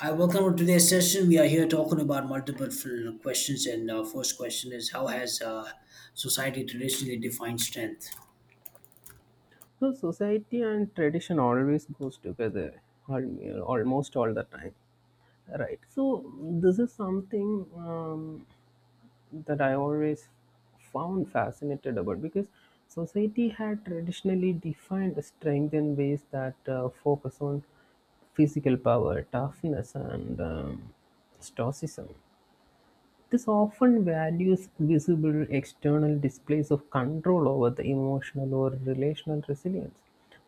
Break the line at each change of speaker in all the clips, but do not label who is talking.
Hi, welcome to today's session. We are here talking about multiple questions, and our first question is how has society traditionally defined strength?
So society and tradition always goes together, almost all the time, right? So this is something that I always found fascinated about because society had traditionally defined strength in ways that focus on physical power, toughness, and stoicism this often values visible external displays of control over the emotional or relational resilience.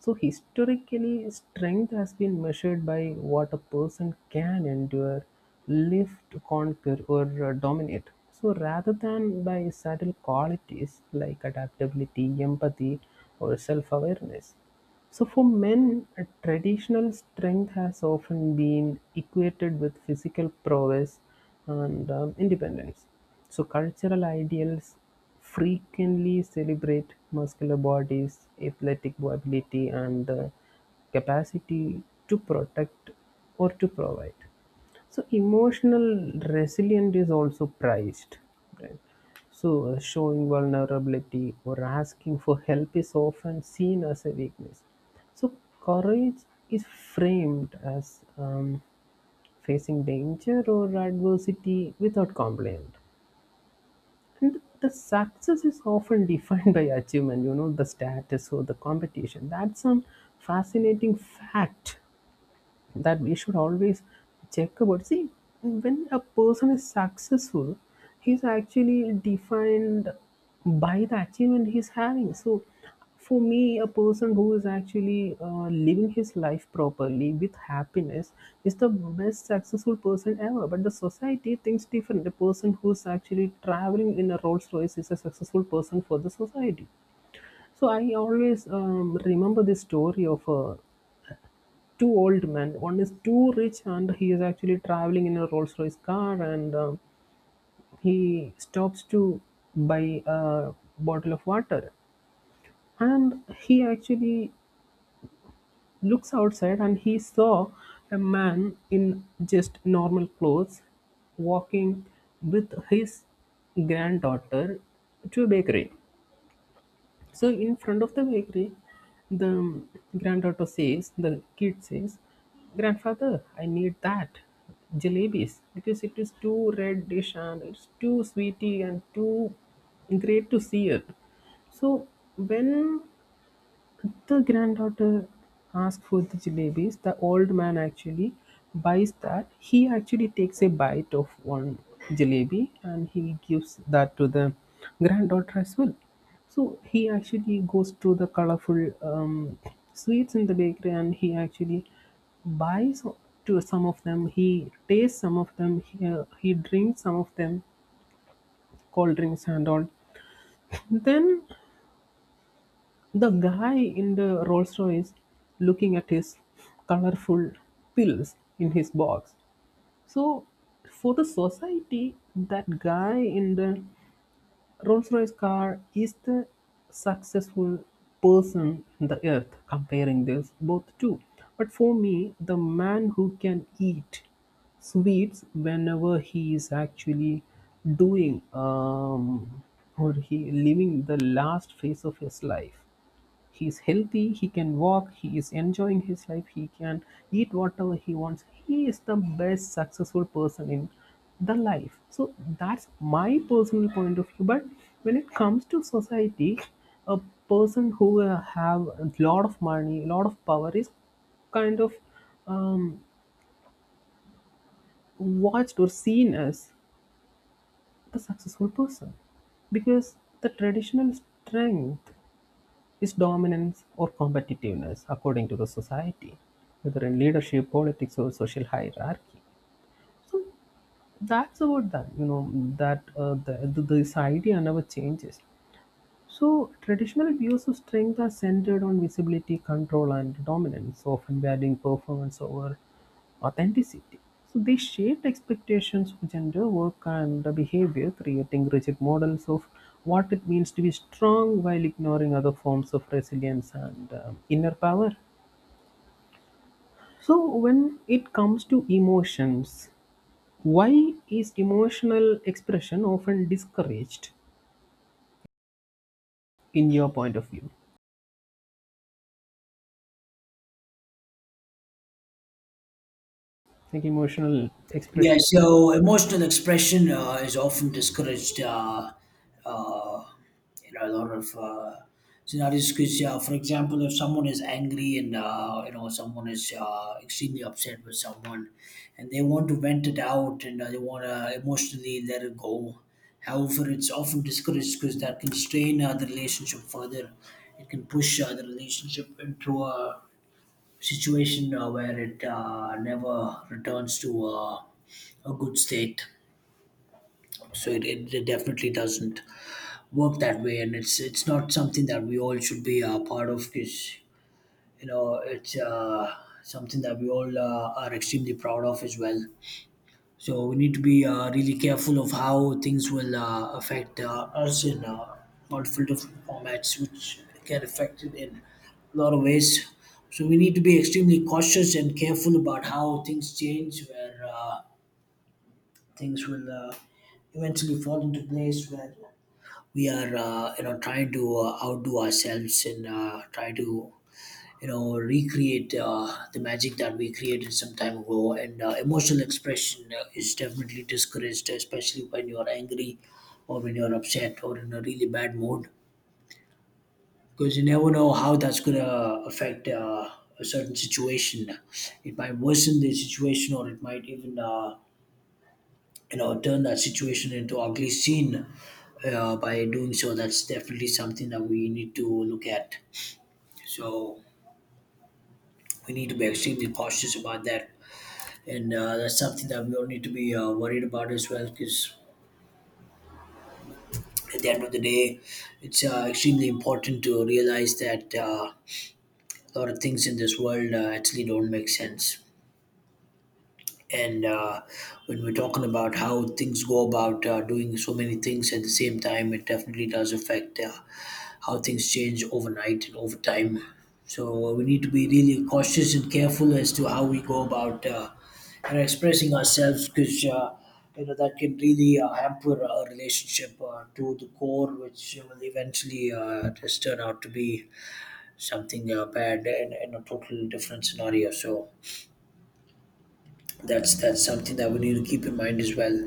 So, historically, strength has been measured by what a person can endure, lift, conquer, or dominate. So, rather than by subtle qualities like adaptability, empathy, or self awareness. So, for men, traditional strength has often been equated with physical prowess and independence. So, cultural ideals frequently celebrate muscular bodies, athletic ability, and the capacity to protect or to provide. So emotional resilience is also prized, right? So showing vulnerability or asking for help is often seen as a weakness. So courage is framed as facing danger or adversity without complaint. And the success is often defined by achievement, the status or the competition. That's some fascinating fact that we should always check about see when a person is successful he's actually defined by the achievement he's having so for me a person who is actually living his life properly with happiness is the best successful person ever but the society thinks different. The person who's actually traveling in a Rolls Royce is a successful person for the society. So I always remember this story of a two old men. One is too rich and he is actually traveling in a Rolls Royce car and he stops to buy a bottle of water. And he actually looks outside and he saw a man in just normal clothes walking with his granddaughter to a bakery. So in front of the bakery, the granddaughter says, the kid says, grandfather, I need that jalebis because it is too red dish and it's too sweety and too great to see it. So when the granddaughter asks for the jalebis, the old man actually buys that. He actually takes a bite of one jalebi and he gives that to the granddaughter as well. So he actually goes to the colorful sweets in the bakery and he actually buys to some of them. He tastes some of them. He drinks some of them, cold drinks and all. Then the guy in the Rolls-Royce looking at his colorful pills in his box. So for the society, that guy in the Rolls-Royce car is the successful person in the earth comparing this both two. But for me, the man who can eat sweets whenever he is actually doing or he living the last phase of his life, he's healthy, he can walk, he is enjoying his life, he can eat whatever he wants. He is the best successful person in the life. So that's my personal point of view. But when it comes to society, a person who have a lot of money, a lot of power is kind of um, watched or seen as the successful person because the traditional strength is dominance or competitiveness according to the society, whether in leadership, politics, or social hierarchy. So that's about that. You know that this idea never changes. So, traditional views of strength are centered on visibility, control, and dominance, often valuing performance over authenticity. So, they shaped expectations of gender, work, and behavior, creating rigid models of what it means to be strong while ignoring other forms of resilience and inner power. So, when it comes to emotions, why is emotional expression often discouraged in your point of view? Like emotional
Yeah,
expression.
so emotional expression is often discouraged. Uh, a lot of scenarios because, for example, if someone is angry and you know someone is extremely upset with someone, and they want to vent it out and they want to emotionally let it go. However, it's often discouraged because that can strain the relationship further. It can push the relationship into a situation where it never returns to a good state. So it definitely doesn't work that way, and it's not something that we all should be a part of because you know it's something that we all are extremely proud of as well. So we need to be really careful of how things will affect us in multiple different formats, which get affected in a lot of ways. So we need to be extremely cautious and careful about how things change, where things will eventually fall into place, where we are, you know, trying to outdo ourselves and try to you know recreate the magic that we created some time ago and emotional expression is definitely discouraged, especially when you're angry or when you're upset or in a really bad mood, because you never know how that's going to affect a certain situation. It might worsen the situation or it might even you know turn that situation into ugly scene by doing so. That's definitely something that we need to look at. So we need to be extremely cautious about that, and that's something that we all need to be worried about as well, because at the end of the day it's extremely important to realize that a lot of things in this world actually don't make sense. And when we're talking about how things go about doing so many things at the same time, it definitely does affect how things change overnight and over time. So we need to be really cautious and careful as to how we go about you know, expressing ourselves, because you know that can really hamper a relationship to the core, which will eventually just turn out to be something bad and a total different scenario. So that's something that we need to keep in mind as well.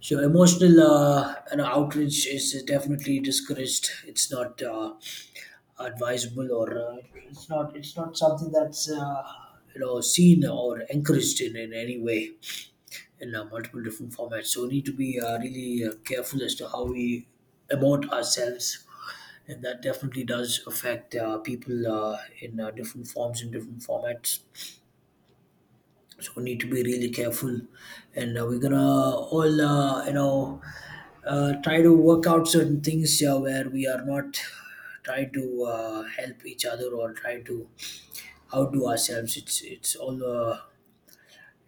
So emotional you know, outrage is definitely discouraged. It's not. Advisable or it's not something that's you know seen or encouraged in any way in multiple different formats. So we need to be really careful as to how we emote ourselves, and that definitely does affect people in different forms and different formats. So we need to be really careful, and we're gonna all you know try to work out certain things where we are not trying to help each other or try to out to ourselves. It's all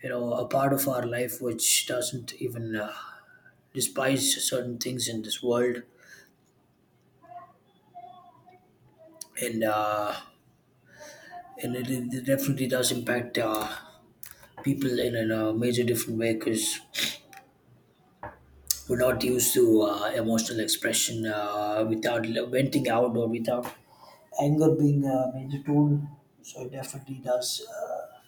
you know a part of our life which doesn't even despise certain things in this world, and uh, and it definitely does impact people in a major different way, because we're not used to emotional expression without venting out or without anger being a major tool. So it definitely does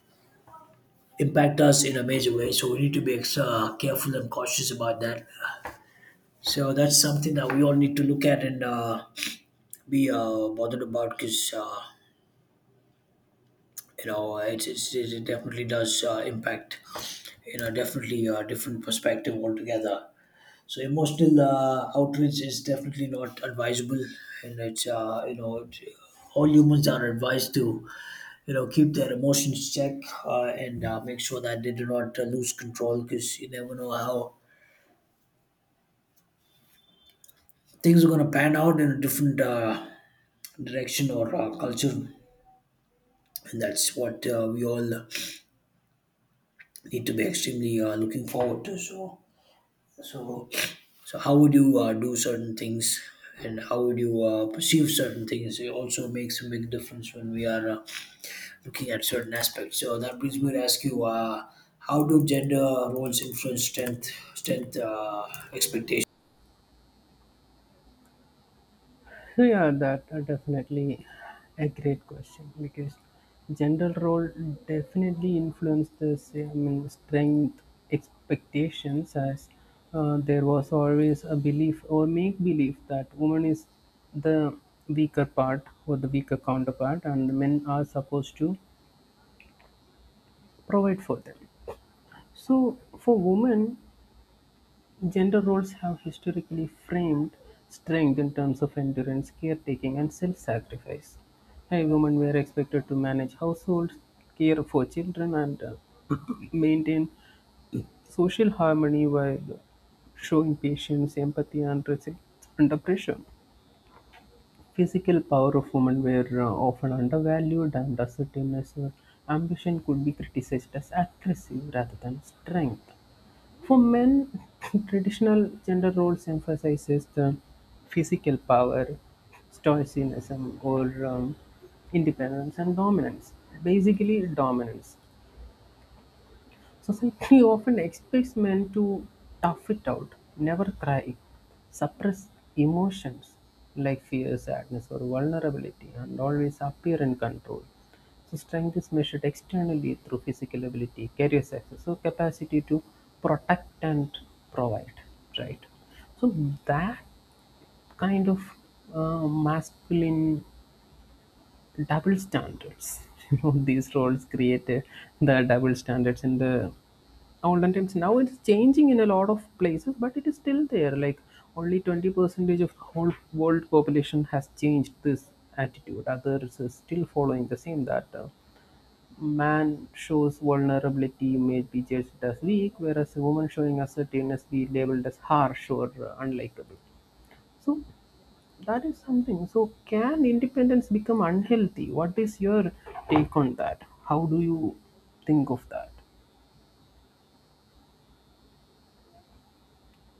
impact us in a major way. So we need to be extra careful and cautious about that. So that's something that we all need to look at and be bothered about, because you know it definitely does impact you know definitely a different perspective altogether. So emotional outreach is definitely not advisable, and it's you know it, all humans are advised to you know keep their emotions check and make sure that they do not lose control, because you never know how things are going to pan out in a different direction or culture. And that's what we all need to be extremely looking forward to. So so so how would you do certain things and how would you perceive certain things? It also makes a big difference when we are looking at certain aspects. So that brings me to ask you, how do gender roles influence strength expectations?
So yeah, that are definitely a great question because gender role definitely influence this. I mean, strength expectations as there was always a belief or make belief that woman is the weaker part or the weaker counterpart, and men are supposed to provide for them. So for women, gender roles have historically framed strength in terms of endurance, caretaking, and self-sacrifice. Women were expected to manage households, care for children, and maintain social harmony while showing patience, empathy, and resilience under pressure. Physical power of women were often undervalued, and assertiveness or ambition could be criticized as aggressive rather than strength. For men, traditional gender roles emphasizes the physical power, stoicism, or independence and dominance. Basically, dominance. Society often expects men to tough it out, never cry, suppress emotions like fear, sadness, or vulnerability, and always appear in control. So, strength is measured externally through physical ability, career success, so capacity to protect and provide, right? So, that kind of masculine double standards. You know, these roles create the double standards in the olden times. Now it's changing in a lot of places, but it is still there. Like only 20 percentage of whole world population has changed this attitude. Others are still following the same that man shows vulnerability may be judged as weak, whereas a woman showing assertiveness be labeled as harsh or unlikable. So that is something. So can independence become unhealthy? What is your take on that? How do you think of that?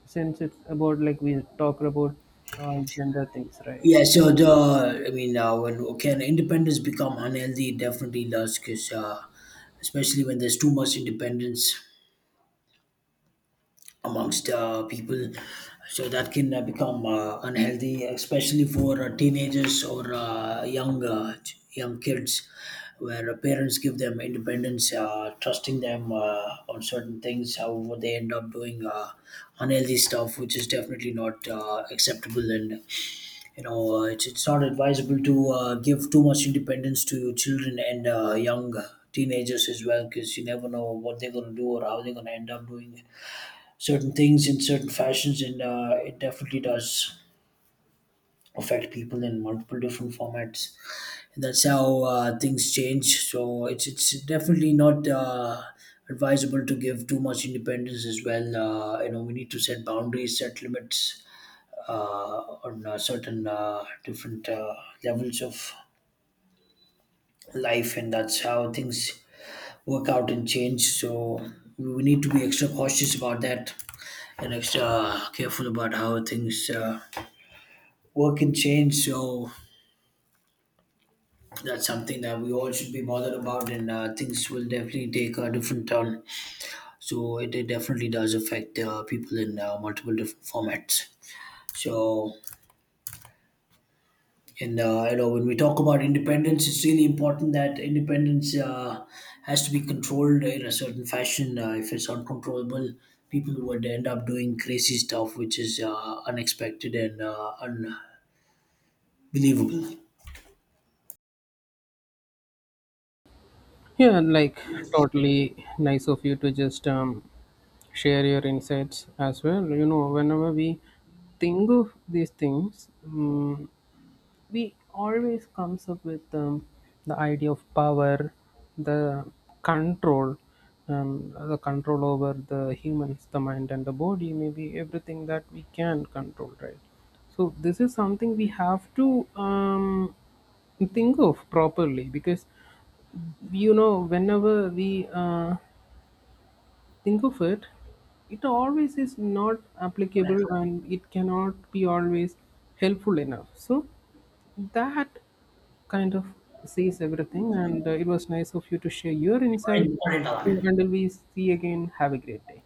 Since it's about like we talk about gender things, right?
Yeah, so the I mean, when can independence become unhealthy? It definitely does, because especially when there's too much independence amongst people, so that can become unhealthy, especially for teenagers or young young kids, where parents give them independence, trusting them on certain things. However, they end up doing unhealthy stuff, which is definitely not acceptable. And you know it's not advisable to give too much independence to your children and young teenagers as well, because you never know what they're going to do or how they're going to end up doing certain things in certain fashions. And it definitely does affect people in multiple different formats, and that's how things change. So it's definitely not advisable to give too much independence as well. You know, we need to set boundaries, set limits on certain different levels of life, and that's how things work out and change. So we need to be extra cautious about that and extra careful about how things work and change. So that's something that we all should be bothered about, and things will definitely take a different turn. So it definitely does affect people in multiple different formats. So. And you know, when we talk about independence, it's really important that independence has to be controlled in a certain fashion. If it's uncontrollable, people would end up doing crazy stuff, which is unexpected and unbelievable.
Yeah, like totally nice of you to just share your insights as well. You know, whenever we think of these things, we always comes up with the idea of power, the control, the control over the humans, the mind and the body, maybe everything that we can control, right? So this is something we have to think of properly because you know whenever we think of it it always is not applicable and it cannot be always helpful enough so that kind of says everything, and it was nice of you to share your insight. So, until we see again, have a great day.